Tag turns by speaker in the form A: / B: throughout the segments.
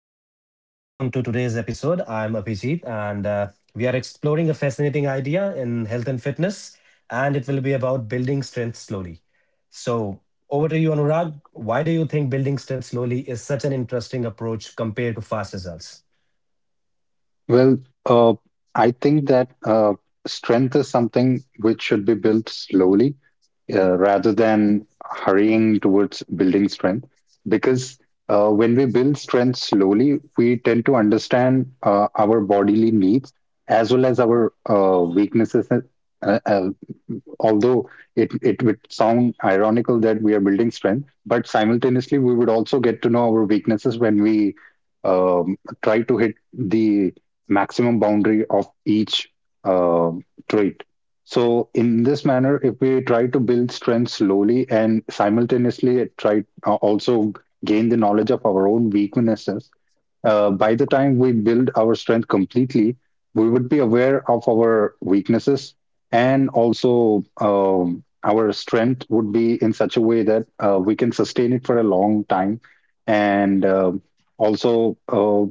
A: hi Anurag, welcome to today's episode. I'm Abhijit, and we are exploring a fascinating idea in health and fitness, and it will be about building strength slowly. So, over to you, Anurag. Why do you think building strength slowly is such an interesting approach compared to fast results?
B: Well, uh, I think that strength is something which should be built slowly, rather than hurrying towards building strength. Because when we build strength slowly, we tend to understand our bodily needs as well as our weaknesses. uh, uh, Although it would sound ironical that we are building strength, but simultaneously we would also get to know our weaknesses when we um, try to hit the maximum boundary of each uh, trait. So, in this manner, if we try to build strength slowly and simultaneously try also gain the knowledge of our own weaknesses, by the time we build our strength completely, we would be aware of our weaknesses, and also our strength would be in such a way that we can sustain it for a long time. And also,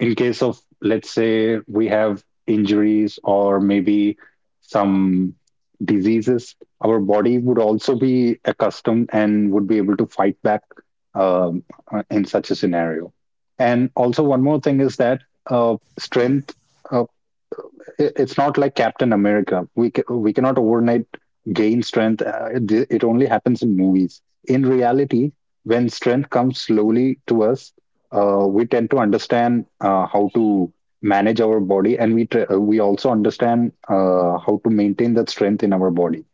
B: in case of, let's say, we have injuries or maybe some diseases, our body would also be accustomed and would be able to fight back um, in such a scenario. And also, one more thing is that strength, uh, it's not like Captain America. We cannot overnight gain strength. It only happens in movies. In reality, when strength comes slowly to us, we tend to understand how to manage our body, and we also understand how to maintain that strength in our body.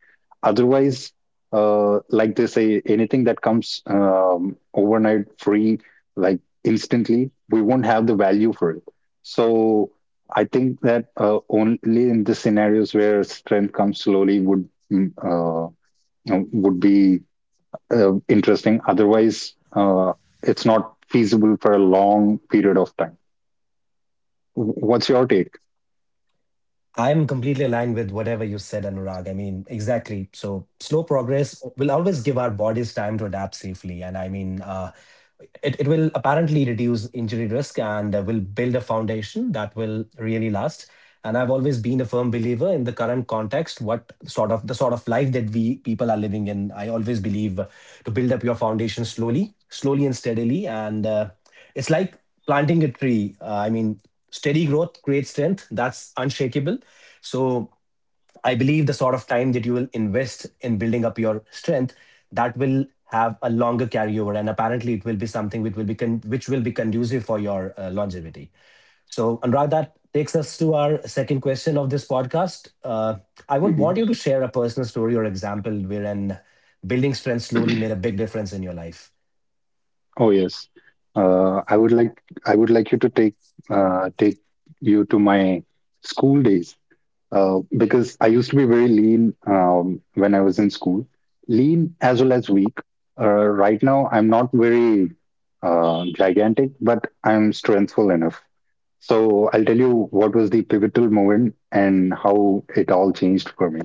B: Otherwise, like they say, anything that comes overnight, free, like instantly, we won't have the value for it. So I think that only in the scenarios where strength comes slowly would mm, uh, would be interesting. Otherwise, it's not feasible for a long period of time. What's your take?
A: I'm completely aligned with whatever you said, Anurag. I mean, exactly. So slow progress will always give our bodies time to adapt safely. And I mean, it will apparently reduce injury risk and will build a foundation that will really last. And I've always been a firm believer in the current context, what sort of the sort of life that we people are living in. I always believe to build up your foundation slowly, slowly and steadily. And it's like planting a tree. I mean, steady growth creates strength. That's unshakable. So I believe the sort of time that you will invest in building up your strength that will have a longer carryover, and apparently it will be something which will be conducive for your longevity. So, Anurag, that takes us to our second question of this podcast. I would
B: Mhm.
A: want you to share a personal story or example wherein building strength slowly made a big difference in your life.
B: Oh yes, uh, I would like I would like you to take you to my school days, because I used to be very lean when I was in school, lean as well as weak. Right now, I'm not very gigantic, but I'm strengthful enough. So I'll tell you what was the pivotal moment and how it all changed for me.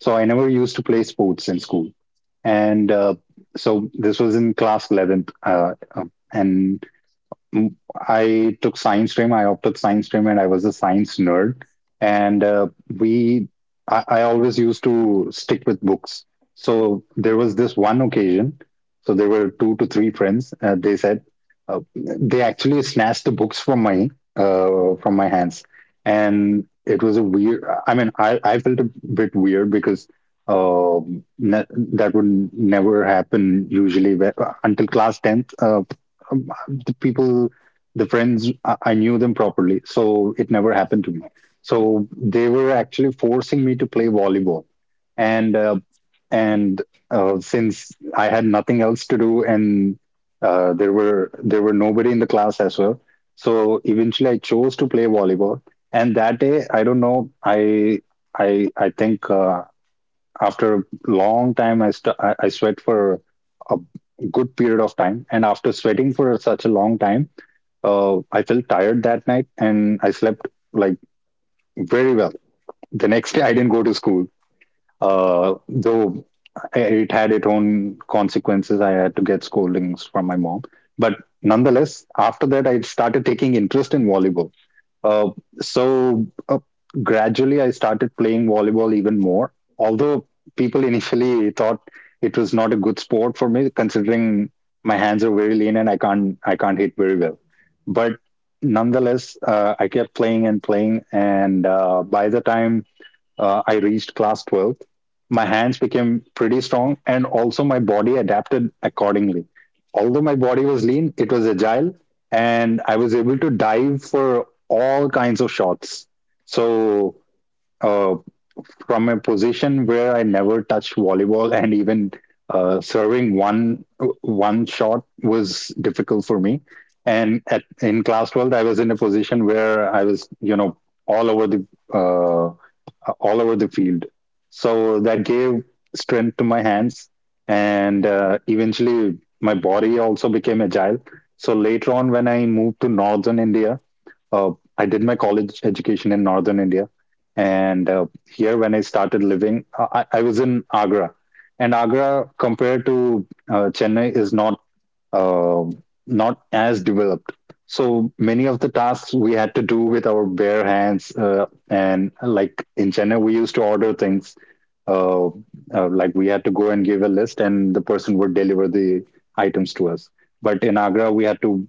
B: So I never used to play sports in school, and so this was in class 11th, and Mm, I took science stream. I opted science stream, and I was a science nerd. And we, I always used to stick with books. So there was this one occasion. So there were two to three friends. They actually snatched the books from my hands, and it was a weird. I mean, I felt a bit weird because um ne- that would never happen until class 10th, the people, the friends, I knew them properly. So it never happened to me. So they were actually forcing me to play volleyball. And, uh, and, since I had nothing else to do and there were nobody in the class as well. So eventually, I chose to play volleyball. And that day, I don't know, I think after a long time, I, st- I sweat for a good period of time, and after sweating for such a long time, I felt tired that night and I slept like very well. The next day, I didn't go to school, though it had its own consequences. I had to get scoldings from my mom. But nonetheless, after that, I started taking interest in volleyball. Uh, so uh, gradually, I started playing volleyball even more. Although people initially thought it was not a good sport for me, considering my hands are very lean and I can't hit very well. But nonetheless, I kept playing and playing, and by the time I reached class 12th, my hands became pretty strong and also my body adapted accordingly. Although my body was lean, it was agile, and I was able to dive for all kinds of shots. So, uh, from a position where I never touched volleyball and even serving one shot was difficult for me. In class 12, I was in a position where I was, you know, all over the uh, all over the field. So that gave strength to my hands, and eventually my body also became agile. So later on, when I moved to northern India, uh, I did my college education in northern India, and here when I started living, I was in Agra, and Agra compared to Chennai is uh, not as developed. So many of the tasks we had to do with our bare hands, and like in Chennai, we used to order things. Uh, like we had to go and give a list, and the person would deliver the items to us. But in Agra, we had to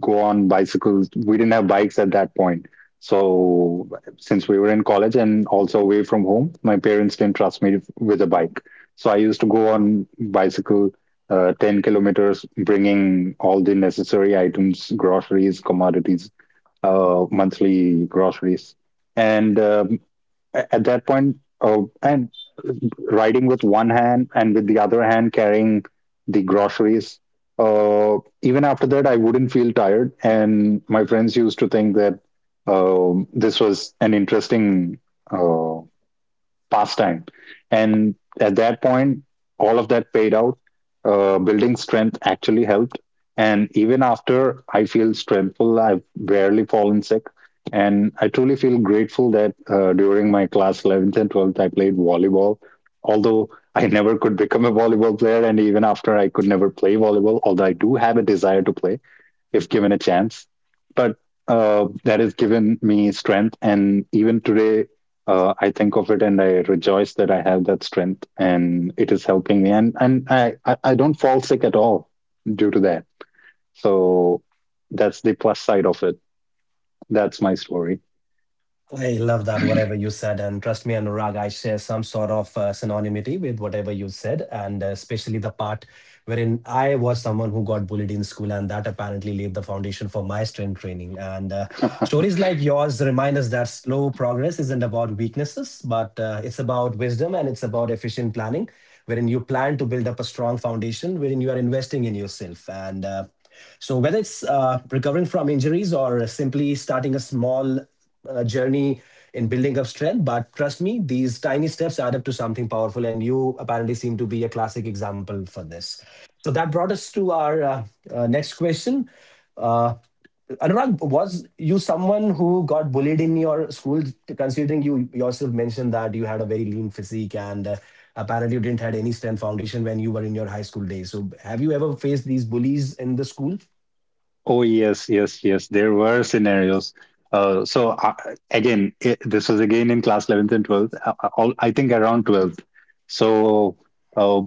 B: go on bicycles. We didn't have bikes at that point. So since we were in college and also away from home, my parents didn't trust me with a bike. So I used to go on bicycle 10 kilometers, bringing all the necessary items, groceries, commodities, monthly groceries. And at that point, and riding with one hand and with the other hand carrying the groceries. Uh, even after that, I wouldn't feel tired. And my friends used to think that this was an interesting uh, pastime. And at that point, all of that paid out. Building strength actually helped. And even after I feel strengthful, I've barely fallen sick. And I truly feel grateful that during my class 11th and 12th, I played volleyball. Although I never could become a volleyball player, and even after I could never play volleyball, although I do have a desire to play, if given a chance. But that has given me strength. And even today, I think of it and I rejoice that I have that strength and it is helping me. And I don't fall sick at all due to that. So that's the plus side of it. That's my story.
A: I love that, whatever you said. And trust me, Anurag, I share some sort of synonymity with whatever you said, and especially the part wherein I was someone who got bullied in school, and that apparently laid the foundation for my strength training. And stories like yours remind us that slow progress isn't about weaknesses, but it's about wisdom and it's about efficient planning, wherein you plan to build up a strong foundation, wherein you are investing in yourself. And So, whether it's recovering from injuries or simply starting a small journey in building up strength. But trust me, these tiny steps add up to something powerful. And you apparently seem to be a classic example for this. So that brought us to our next question. Uh, Anurag, was you someone who got bullied in your school? Considering you yourself mentioned that you had a very lean physique and apparently you didn't had any strength foundation when you were in your high school days. So, have you ever faced these bullies in the school?
B: Oh yes, yes, yes. There were scenarios. Uh, so uh, again, this was again in class 11th and 12th. All, I think around 12th. So uh,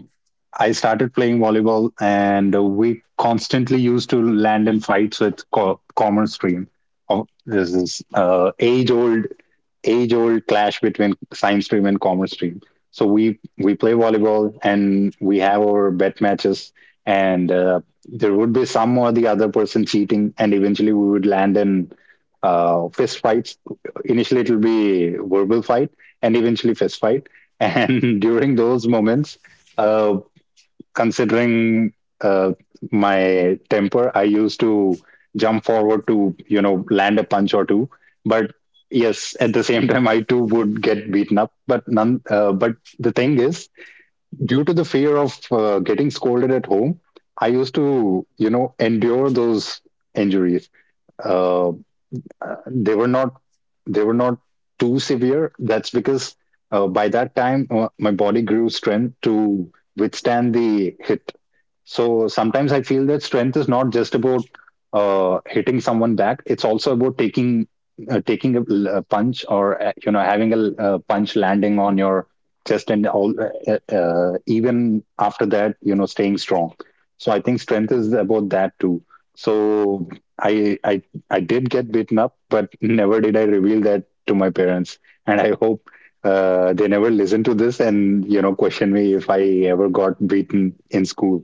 B: I started playing volleyball, and we constantly used to land in fights with common stream. Oh, this is age old clash between science stream and commerce stream. So we play volleyball and we have our bet matches, and there would be some or the other person cheating, and eventually we would land in fist fights. Initially, it will be verbal fight, and eventually fist fight. And during those moments, uh, considering uh, my temper, I used to jump forward to you know land a punch or two. But yes, at the same time, I too would get beaten up. But none. But the thing is, due to the fear of getting scolded at home, I used to you know endure those injuries. Uh, they were not they were not too severe. That's because by that time my body grew strength to withstand the hit. So sometimes I feel that strength is not just about hitting someone back; it's also about taking a punch, or you know having a punch landing on your chest and all. Even after that, you know, staying strong. So I think strength is about that too. So I I I did get beaten up, but never did I reveal that to my parents, and I hope they never listen to this and you know question me if I ever got beaten in school.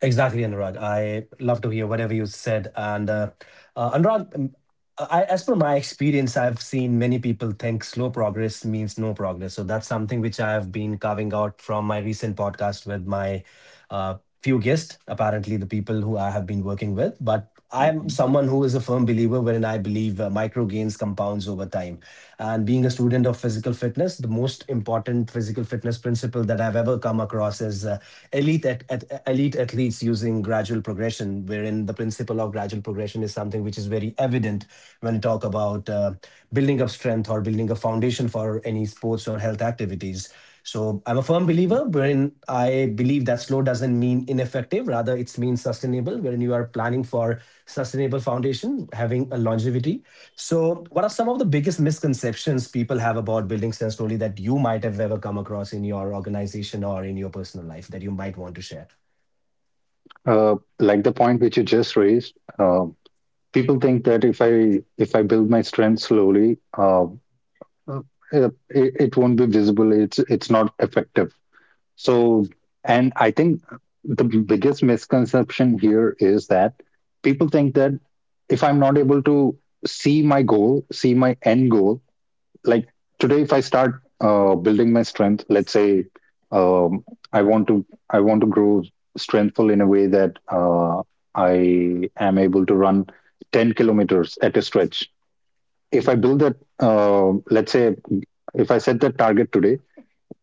A: Exactly, Anurag. I love to hear whatever you said. And Anurag, as per my experience, I've seen many people think slow progress means no progress. So that's something which I have been carving out from my recent podcast with my uh, few guests, apparently the people who I have been working with. But I'm
B: Mhm.
A: someone who is a firm believer wherein I believe micro gains compounds over time. And being a student of physical fitness, the most important physical fitness principle that I've ever come across is elite athletes using gradual progression, wherein the principle of gradual progression is something which is very evident when you talk about building up strength or building a foundation for any sports or health activities. So I'm a firm believer wherein I believe that slow doesn't mean ineffective, rather it means sustainable, wherein you are planning for sustainable foundation, having a longevity. So what are some of the biggest misconceptions people have about building sense slowly that you might have ever come across in your organization or in your personal life that you might want to share?
B: Like the point which you just raised, uh, people think that if I build my strength slowly, uh, it won't be visible. It's not effective. So, and I think the biggest misconception here is that people think that if I'm not able to see my goal, see my end goal, like today if I start building my strength, let's say, um, i want to I want to grow strengthful in a way that I am able to run 10 kilometers at a stretch. If I build that, let's say, if I set that target today,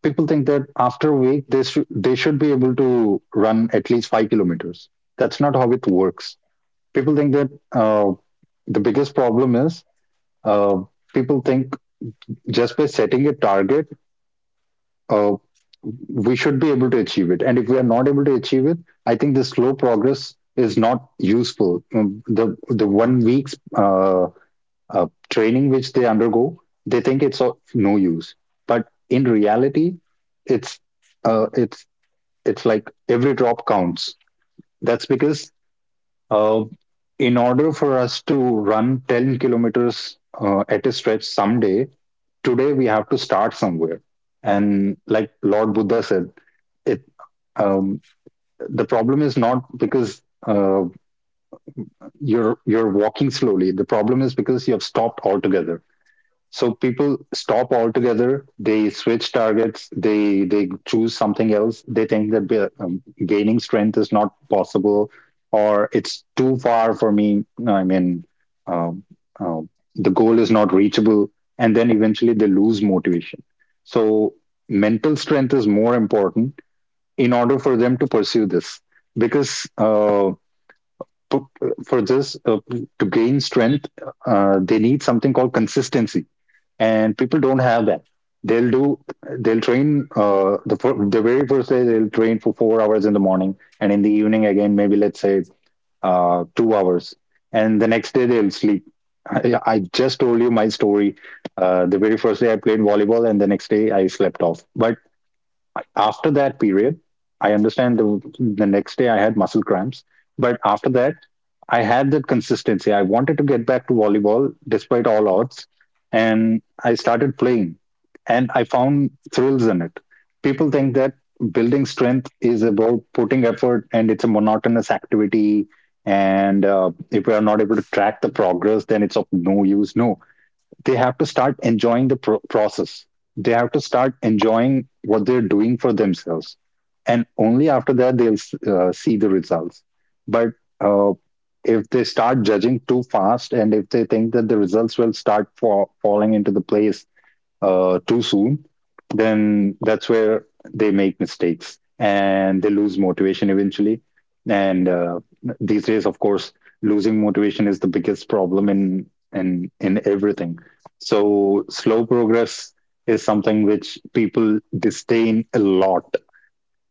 B: people think that after a week they should be able to run at least 5 kilometers. That's not how it works. People think that uh, the biggest problem is uh, people think just by setting a target, uh, we should be able to achieve it. And if we are not able to achieve it, I think the slow progress is not useful. The 1 week's training which they undergo, they think it's of no use. But in reality, it's uh, it's it's like every drop counts. That's because uh, in order for us to run 10 kilometers at a stretch someday, today we have to start somewhere. And like Lord Buddha said, it um, the problem is not because you're walking slowly. The problem is because you have stopped altogether. So people stop altogether, they switch targets, they choose something else. They think that gaining strength is not possible, or it's too far for me. No, I mean, um, uh, the goal is not reachable, and then eventually they lose motivation. So mental strength is more important in order for them to pursue this, because put for this, to gain strength, they need something called consistency, and people don't have that. They'll do they'll train the very first day. They'll train for 4 hours in the morning, and in the evening again maybe let's say 2 hours, and the next day they'll sleep. I just told you my story. The very first day I played volleyball, and the next day I slept off. But after that period, I understand the next day I had muscle cramps, but after that, I had that consistency. I wanted to get back to volleyball despite all odds, and I started playing, and I found thrills in it. People think that building strength is about putting effort and it's a monotonous activity, and if we are not able to track the progress, then it's of no use. No, they have to start enjoying the process. They have to start enjoying what they're doing for themselves. And only after that, they'll see the results. But uh, if they start judging too fast, and if they think that the results will start falling into the place too soon, then that's where they make mistakes and they lose motivation eventually. And these days, of course, losing motivation is the biggest problem in everything. So slow progress is something which people disdain a lot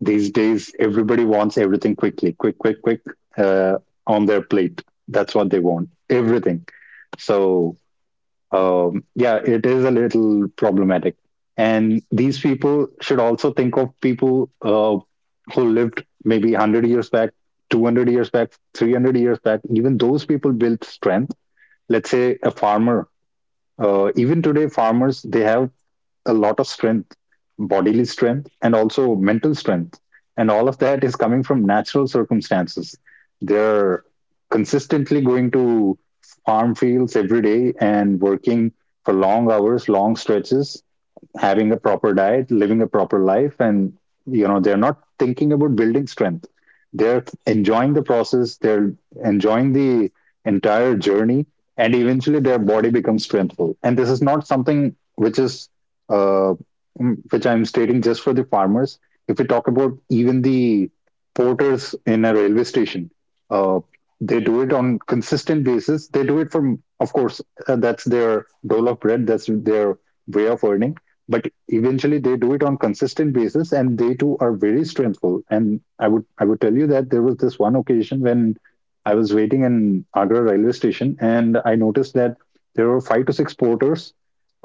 B: these days. Everybody wants everything quickly, quick, quick, quick, uh, on their plate. That's what they want, everything. So, yeah, it is a little problematic. And these people should also think of people who lived maybe 100 years back, 200 years back, 300 years back. Even those people built strength. Let's say a farmer. Even today, farmers they have a lot of strength, bodily strength, and also mental strength. And all of that is coming from natural circumstances. They're consistently going to farm fields every day and working for long hours, long stretches, having a proper diet, living a proper life, and they're not thinking about building strength. They're enjoying the process. They're enjoying the entire journey, and eventually their body becomes strengthful. And this is not something uh, which I'm stating just for the farmers. If we talk about even the porters in a railway station, uh, they do it on consistent basis. They do it from, of course, that's their dole of bread. That's their way of earning, but eventually they do it on consistent basis, and they too are very strengthful. And I would tell you that there was this one occasion when I was waiting in Agra railway station and I noticed that there were five to six porters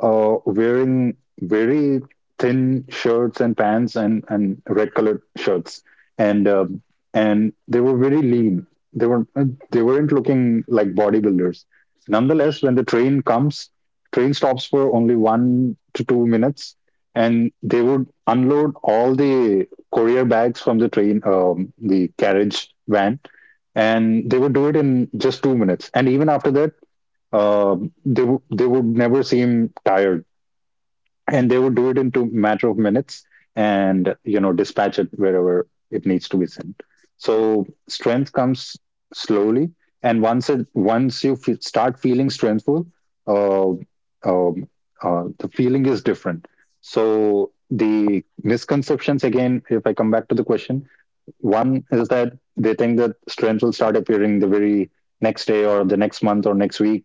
B: wearing very thin shirts and pants, and red colored shirts, and they were very lean. they were they weren't looking like bodybuilders. Nonetheless, when the train comes, train stops for only 1 to 2 minutes, and they would unload all the courier bags from the train, the carriage van, and they would do it in just 2 minutes. And even after that, uh, they would never seem tired, and they would do it into matter of minutes, and dispatch it wherever it needs to be sent. So strength comes slowly, and once you start feeling strengthful, uh, um, the feeling is different. So the misconceptions, again, if I come back to the question, one is that they think that strengths will start appearing the very next day, or the next month, or next week.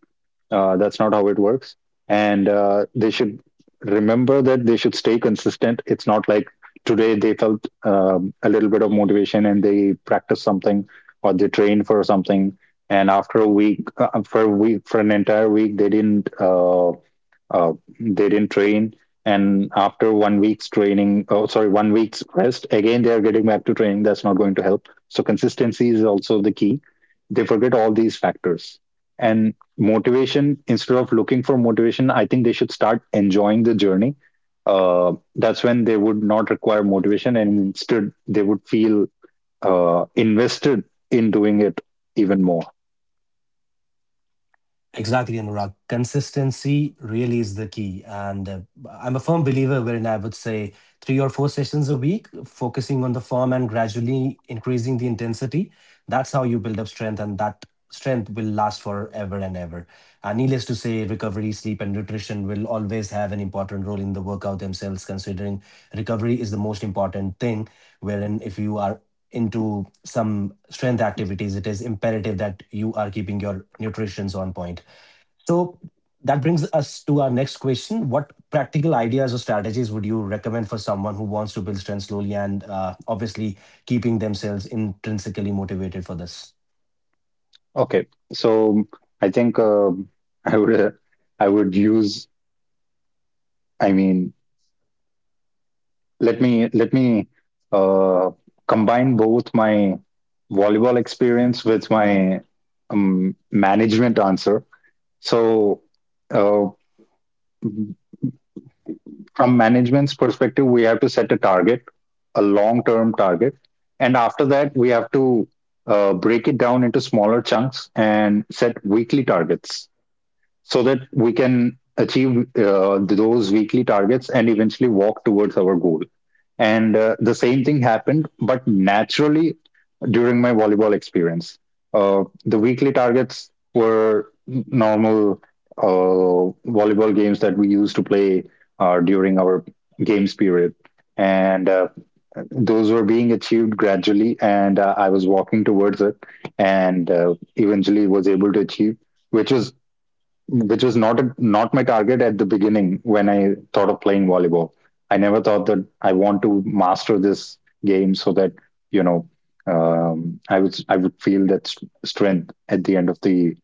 B: That's not how it works. And they should remember that they should stay consistent. It's not like today they felt a little bit of motivation and they practiced something or they trained for something. And for a week, for an entire week, they didn't uh, train, and after 1 week's training — oh, sorry, 1 week's rest — again they are getting back to training. That's not going to help. So consistency is also the key. They forget all these factors. And motivation, instead of looking for motivation, I think they should start enjoying the journey. That's when they would not require motivation, and instead they would feel invested in doing it even more.
A: Exactly, Anurag. Consistency really is the key. And I'm a firm believer wherein I would say three or four sessions a week, focusing on the form and gradually increasing the intensity. That's how you build up strength, and that strength will last forever and ever. And needless to say, recovery, sleep, and nutrition will always have an important role in the workout themselves, considering recovery is the most important thing, wherein if you are into some strength activities, it is imperative that you are keeping your nutritions on point. So that brings us to our next question. What practical ideas or strategies would you recommend for someone who wants to build strength slowly and obviously keeping themselves intrinsically motivated for this?
B: Okay, so I think I would uh, I would use I mean, let me uh, combine both my volleyball experience with my management answer. So uh, from management's perspective, we have to set a target, a long-term target, and after that, we have to break it down into smaller chunks and set weekly targets so that we can achieve those weekly targets and eventually walk towards our goal. And the same thing happened but naturally during my volleyball experience. The weekly targets were normal volleyball games that we used to play during our games period, and those were being achieved gradually, and I was walking towards it, and eventually was able to achieve which was which was not not my target at the beginning when I thought of playing volleyball. I never thought that I want to master this game so that you know I would feel that strength at the end of the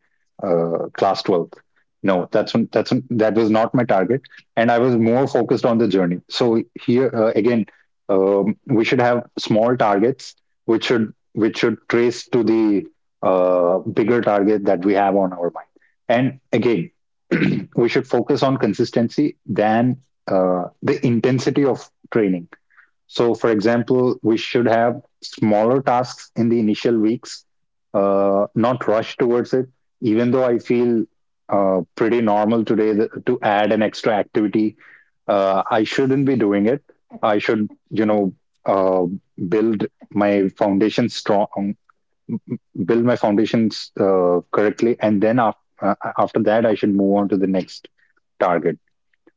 B: class 12th. No, that was not my target, and I was more focused on the journey. So here, again, we should have small targets which should trace to the bigger target that we have on our mind. And again, we should focus on consistency than the intensity of training. So, for example, we should have smaller tasks in the initial weeks, not rush towards it. Even though I feel pretty normal today to add an extra activity, I shouldn't be doing it. I should, uh, build my foundation strong build my foundations correctly, and then after that I should move on to the next target.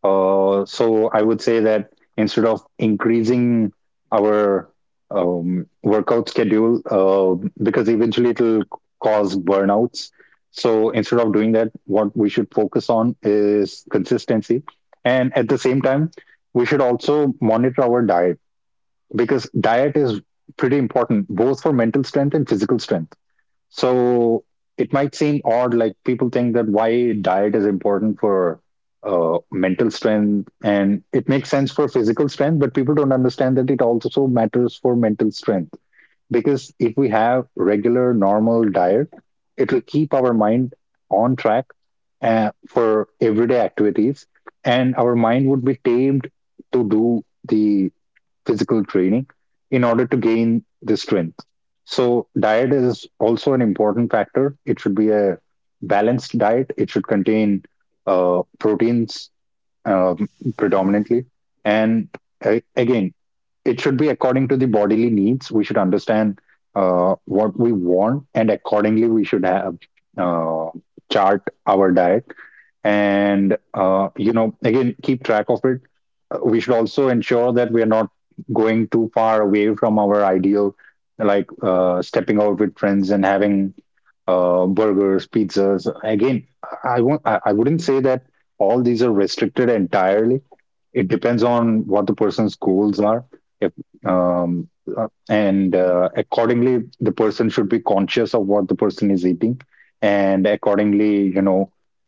B: So I would say that instead of increasing our workout schedule because eventually it'll cause burnouts. So instead of doing that, what we should focus on is consistency. And at the same time, we should also monitor our diet, because diet is pretty important both for mental strength and physical strength. So it might seem odd, like people think that why diet is important for mental strength, and it makes sense for physical strength, but people don't understand that it also matters for mental strength. Because if we have regular, normal diet, it will keep our mind on track for everyday activities, and our mind would be tamed to do the physical training in order to gain the strength. So, diet is also an important factor. It should be a balanced diet, it should contain proteins, um, predominantly. And again, it should be according to the bodily needs. We should understand what we want, and accordingly, we should have uh, chart our diet, and again keep track of it. We should also ensure that we are not going too far away from our ideal, like stepping out with friends and having burgers, pizzas. Again, I won't I wouldn't say that all these are restricted entirely. It depends on what the person's goals are. If um, uh, and Accordingly, the person should be conscious of what the person is eating, and accordingly, you know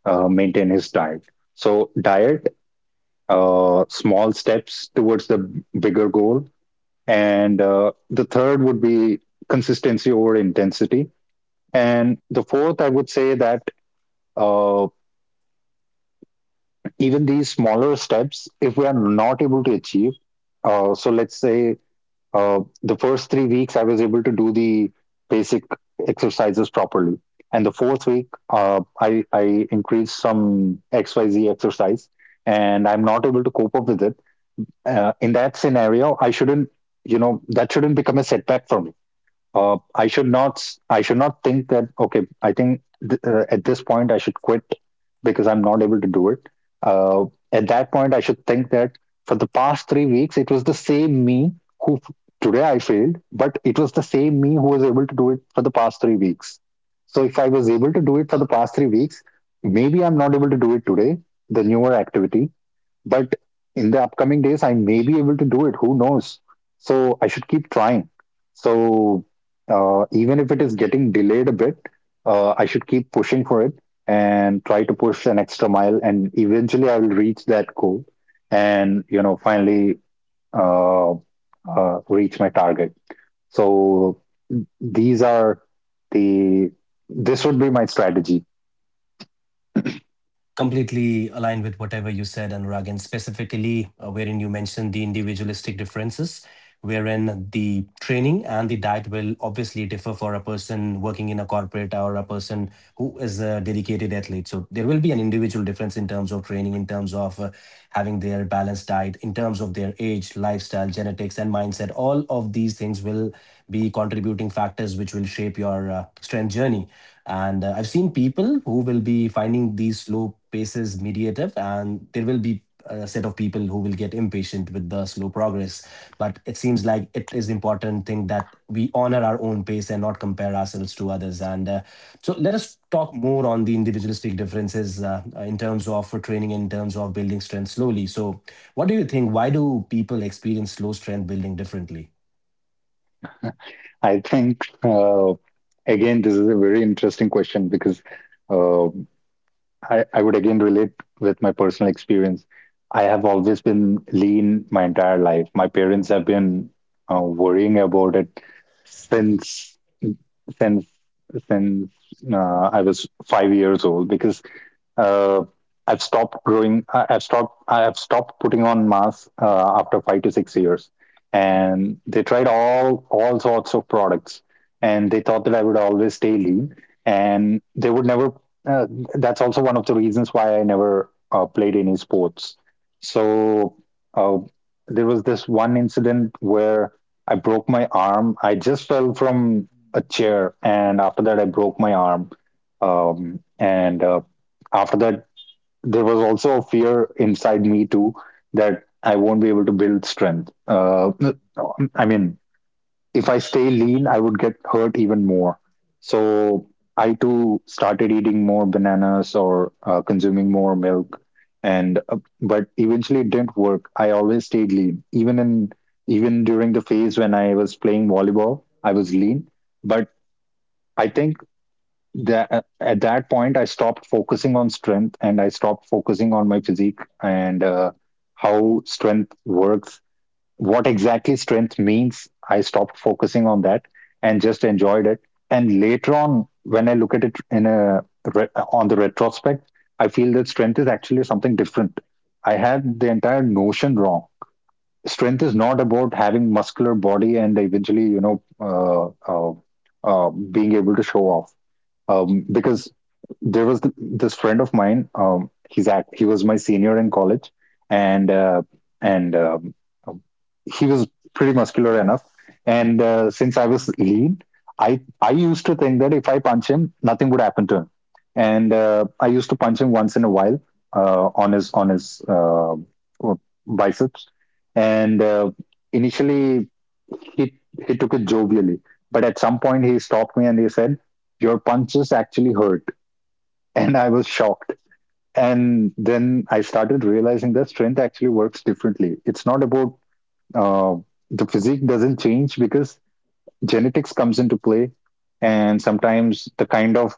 B: uh, maintain his diet. So, diet, small steps towards the bigger goal. And the third would be consistency over intensity. And the fourth, I would say that uh, even these smaller steps, if we are not able to achieve, so let's say the first 3 weeks I was able to do the basic exercises properly, and the fourth week I increased some XYZ exercise, and I'm not able to cope up with it. In that scenario, I shouldn't, that shouldn't become a setback for me. I should not think that, okay, I think at this point I should quit because I'm not able to do it. Uh, at that point I should think that for the past 3 weeks it was the same me who f- today I failed, but it was the same me who was able to do it for the past 3 weeks. So if I was able to do it for the past 3 weeks, maybe I'm not able to do it today, the newer activity, but in the upcoming days I may be able to do it, who knows. So I should keep trying. So, even if it is getting delayed a bit, I should keep pushing for it and try to push an extra mile, and eventually I will reach that goal and finally reach my target. So these are the this would be my strategy.
A: Completely aligned with whatever you said, Anurag, and specifically wherein you mentioned the individualistic differences, wherein the training and the diet will obviously differ for a person working in a corporate or a person who is a dedicated athlete. So there will be an individual difference in terms of training, in terms of having their balanced diet, in terms of their age, lifestyle, genetics, and mindset. All of these things will be contributing factors which will shape your strength journey and I've seen people who will be finding these slow paces mediative, and there will be a set of people who will get impatient with the slow progress. But it seems like it is important thing that we honor our own pace and not compare ourselves to others. And so let us talk more on the individualistic differences in terms of for training, in terms of building strength slowly. So, what do you think? Why do people experience slow strength building differently?
B: I think, again, this is a very interesting question because uh, I would again relate with my personal experience. I have always been lean my entire life. My parents have been worrying about it since since since I was 5 years old because uh, I've stopped growing. I've stopped putting on masks after 5 to 6 years, and they tried all sorts of products, and they thought that I would always stay lean, and they would never. Uh, that's also one of the reasons why I never played any sports. So, uh, there was this one incident where I broke my arm. I just fell from a chair, and after that, I broke my arm. And After that, there was also a fear inside me too that I won't be able to build strength. I mean, if I stay lean I would get hurt even more, so I too started eating more bananas or consuming more milk. And But eventually it didn't work. I always stayed lean, even during the phase when I was playing volleyball. I was lean, but I think that, at that point I stopped focusing on strength and I stopped focusing on my physique, and how strength works, what exactly strength means. I stopped focusing on that and just enjoyed it. And later on, when I look at it in on the retrospect, I feel that strength is actually something different. I had the entire notion wrong. Strength is not about having muscular body and eventually being able to show off. Because there was this friend of mine. He's act. He was my senior in college, and uh, and um, he was pretty muscular enough. And Since I was lean, I used to think that if I punch him, nothing would happen to him. And I used to punch him once in a while, on his biceps. And Initially, he he took it jovially, but at some point he stopped me and he said, "Your punches actually hurt." And I was shocked. And then I started realizing that strength actually works differently. It's not about, uh, the physique doesn't change because genetics comes into play. And sometimes the kind of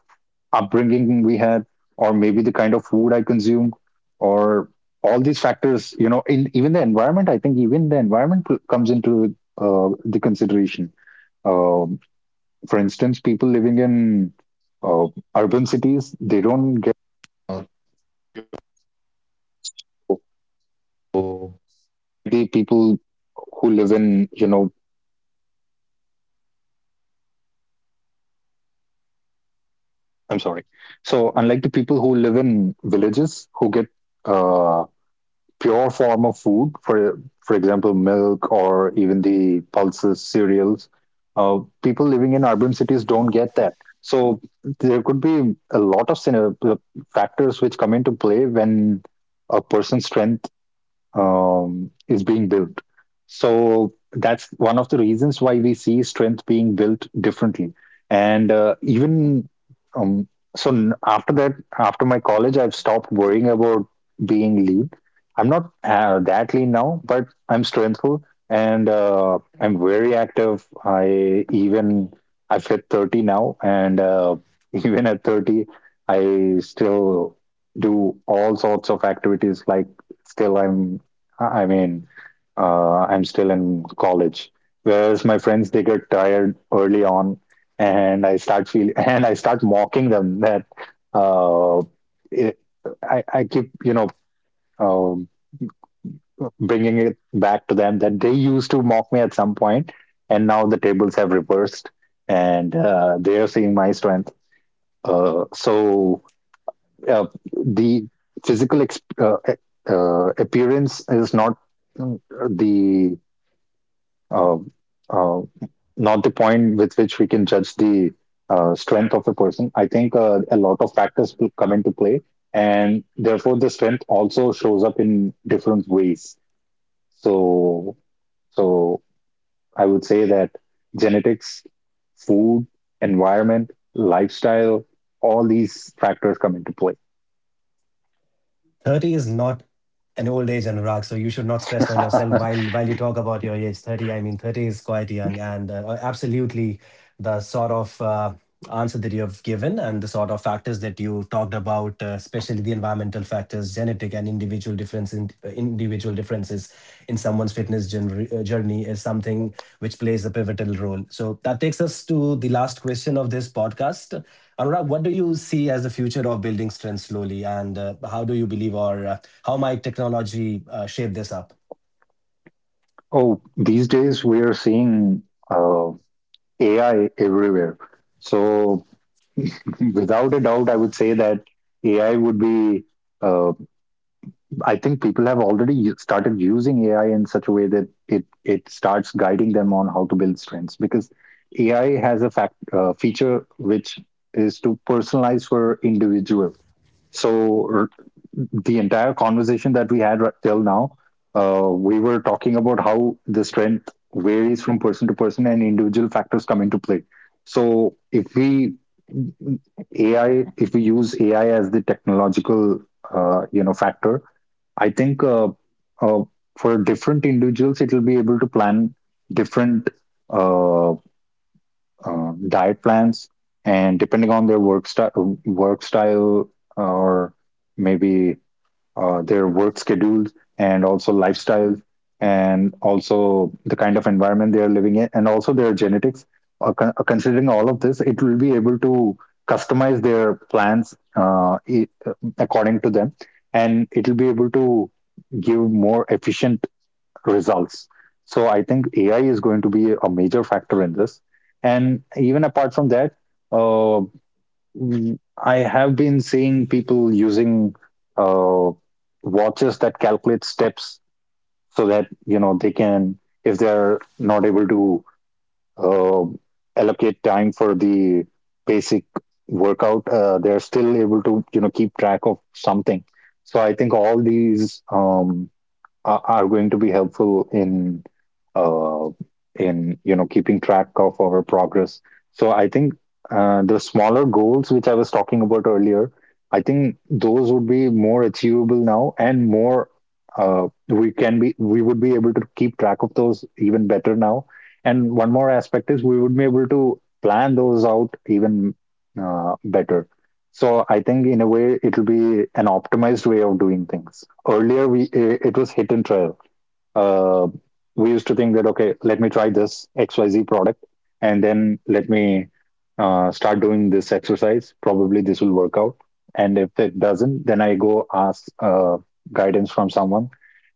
B: upbringing we had, or maybe the kind of food I consumed, or all these factors, you know, in even the environment, I think even the environment comes into the consideration. Um, for instance, people living in uh, urban cities, they I'm sorry. So, unlike the people who live in villages who get uh, pure form of food, for example, milk or even the pulses, cereals, people living in urban cities don't get that. So, there could be a lot of factors which come into play when a person's strength is being built. So that's one of the reasons why we see being built differently. And even um, so, n- after that, After my college, I've stopped worrying about being lean. I'm not that lean now, but I'm strengthful, and I'm very active. I've hit 30 now, and even at 30, I still do all sorts of activities like still I'm I mean I'm still in college, whereas my friends, they get tired early on, and I start feel And I start mocking them that uh, it, I keep um, bringing it back to them that they used to mock me at some point, and now the tables have reversed, and they are seeing my strength. Uh, so uh, the physical appearance is not uh, the uh, uh, not the point with which we can judge the strength of a person. I think a lot of factors will come into play, and therefore the strength also shows up in different ways. So, so, I would say that genetics, food, environment, lifestyle, all these factors come into play.
A: 30 is not an old age, Anurag, so you should not stress on yourself while while you talk about your age. 30, I mean, 30 is quite young, and absolutely the sort of answer that you have given and the sort of factors that you talked about, especially the environmental factors, genetic and individual difference in individual differences in someone's fitness journey is something which plays a pivotal role. So that takes us to the last question of this podcast. Anurag, what do you see as the future of building strength slowly, and how do you believe or how might technology shape this up?
B: Oh, these days we are seeing uh, AI everywhere. So, without a doubt, I would say that AI would be. Uh, I think people have already started using AI in such a way that it starts guiding them on how to build strengths, because AI has a fact feature which is to personalize for individual. So, the entire conversation that we had right till now, we were talking about how the strength varies from person to person and individual factors come into play. So, if we use AI as the technological, factor, I think, uh, for different individuals, it will be able to plan different, uh, diet plans, and depending on their work style, or maybe their work schedules, and also lifestyles, and also the kind of environment they are living in, and also their genetics. Considering all of this, it will be able to customize their plans, according to them, and it will be able to give more efficient results. So I think AI is going to be a major factor in this. And even apart from that, uh, mm, I have been seeing people using uh, watches that calculate steps so that, they can, if they're not able to uh, allocate time for the basic workout, they're still able to keep track of something. So I think all these, are going to be helpful in uh, keeping track of our progress. So I think the smaller goals which I was talking about earlier, I think those would be more achievable now, and more, we would be able to keep track of those even better now. And one more aspect is we would be able to plan those out even better. So I think in a way it'll be an optimized way of doing things. Earlier it was hit and try. uh, we used to think that, okay, let me try this XYZ product, and then let me start doing this exercise. Probably this will work out, and if it doesn't, then I go ask guidance from someone,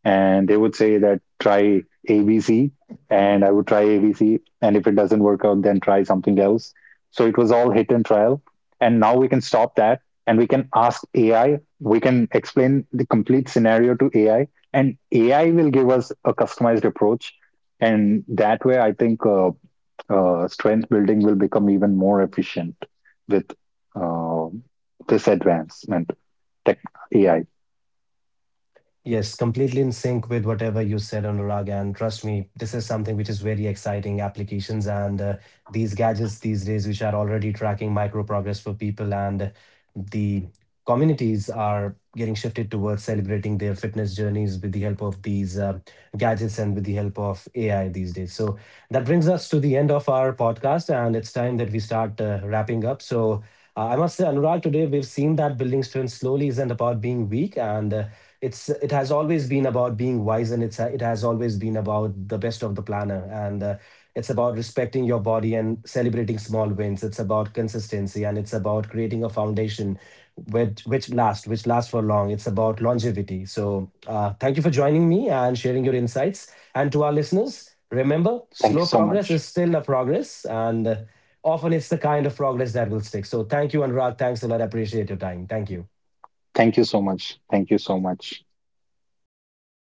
B: and they would say that try ABC, and I would try ABC, and if it doesn't work out, then try something else. So it was all hit and trial. And now we can stop that, and we can ask AI. We can explain the complete scenario to AI, and AI will give us a customized approach. And that way, I think, strength building will become even more efficient with uh, this advancement, tech AI.
A: Yes, completely in sync with whatever you said, Anurag. And trust me, this is something which is very exciting applications and these gadgets these days, which are already tracking micro progress for people and the communities are getting shifted towards celebrating their fitness journeys with the help of these gadgets and with the help of AI these days. So that brings us to the end of our podcast, and it's time that we start wrapping up. So I must say, Anurag, today we've seen that building strength slowly isn't about being weak and it has always been about being wise and it has always been about the best of the planner and it's about respecting your body and celebrating small wins. It's about consistency and it's about creating a foundation which lasts, which lasts for long. It's about longevity. So thank you for joining me and sharing your insights, and to our listeners, remember, slow
B: Thank you so
A: progress is
B: much.
A: still a progress, and often it's the kind of progress that will stick. So thank you, Anurag, thanks a lot. I appreciate your time. Thank you.
B: Thank you so much. Thank you so much.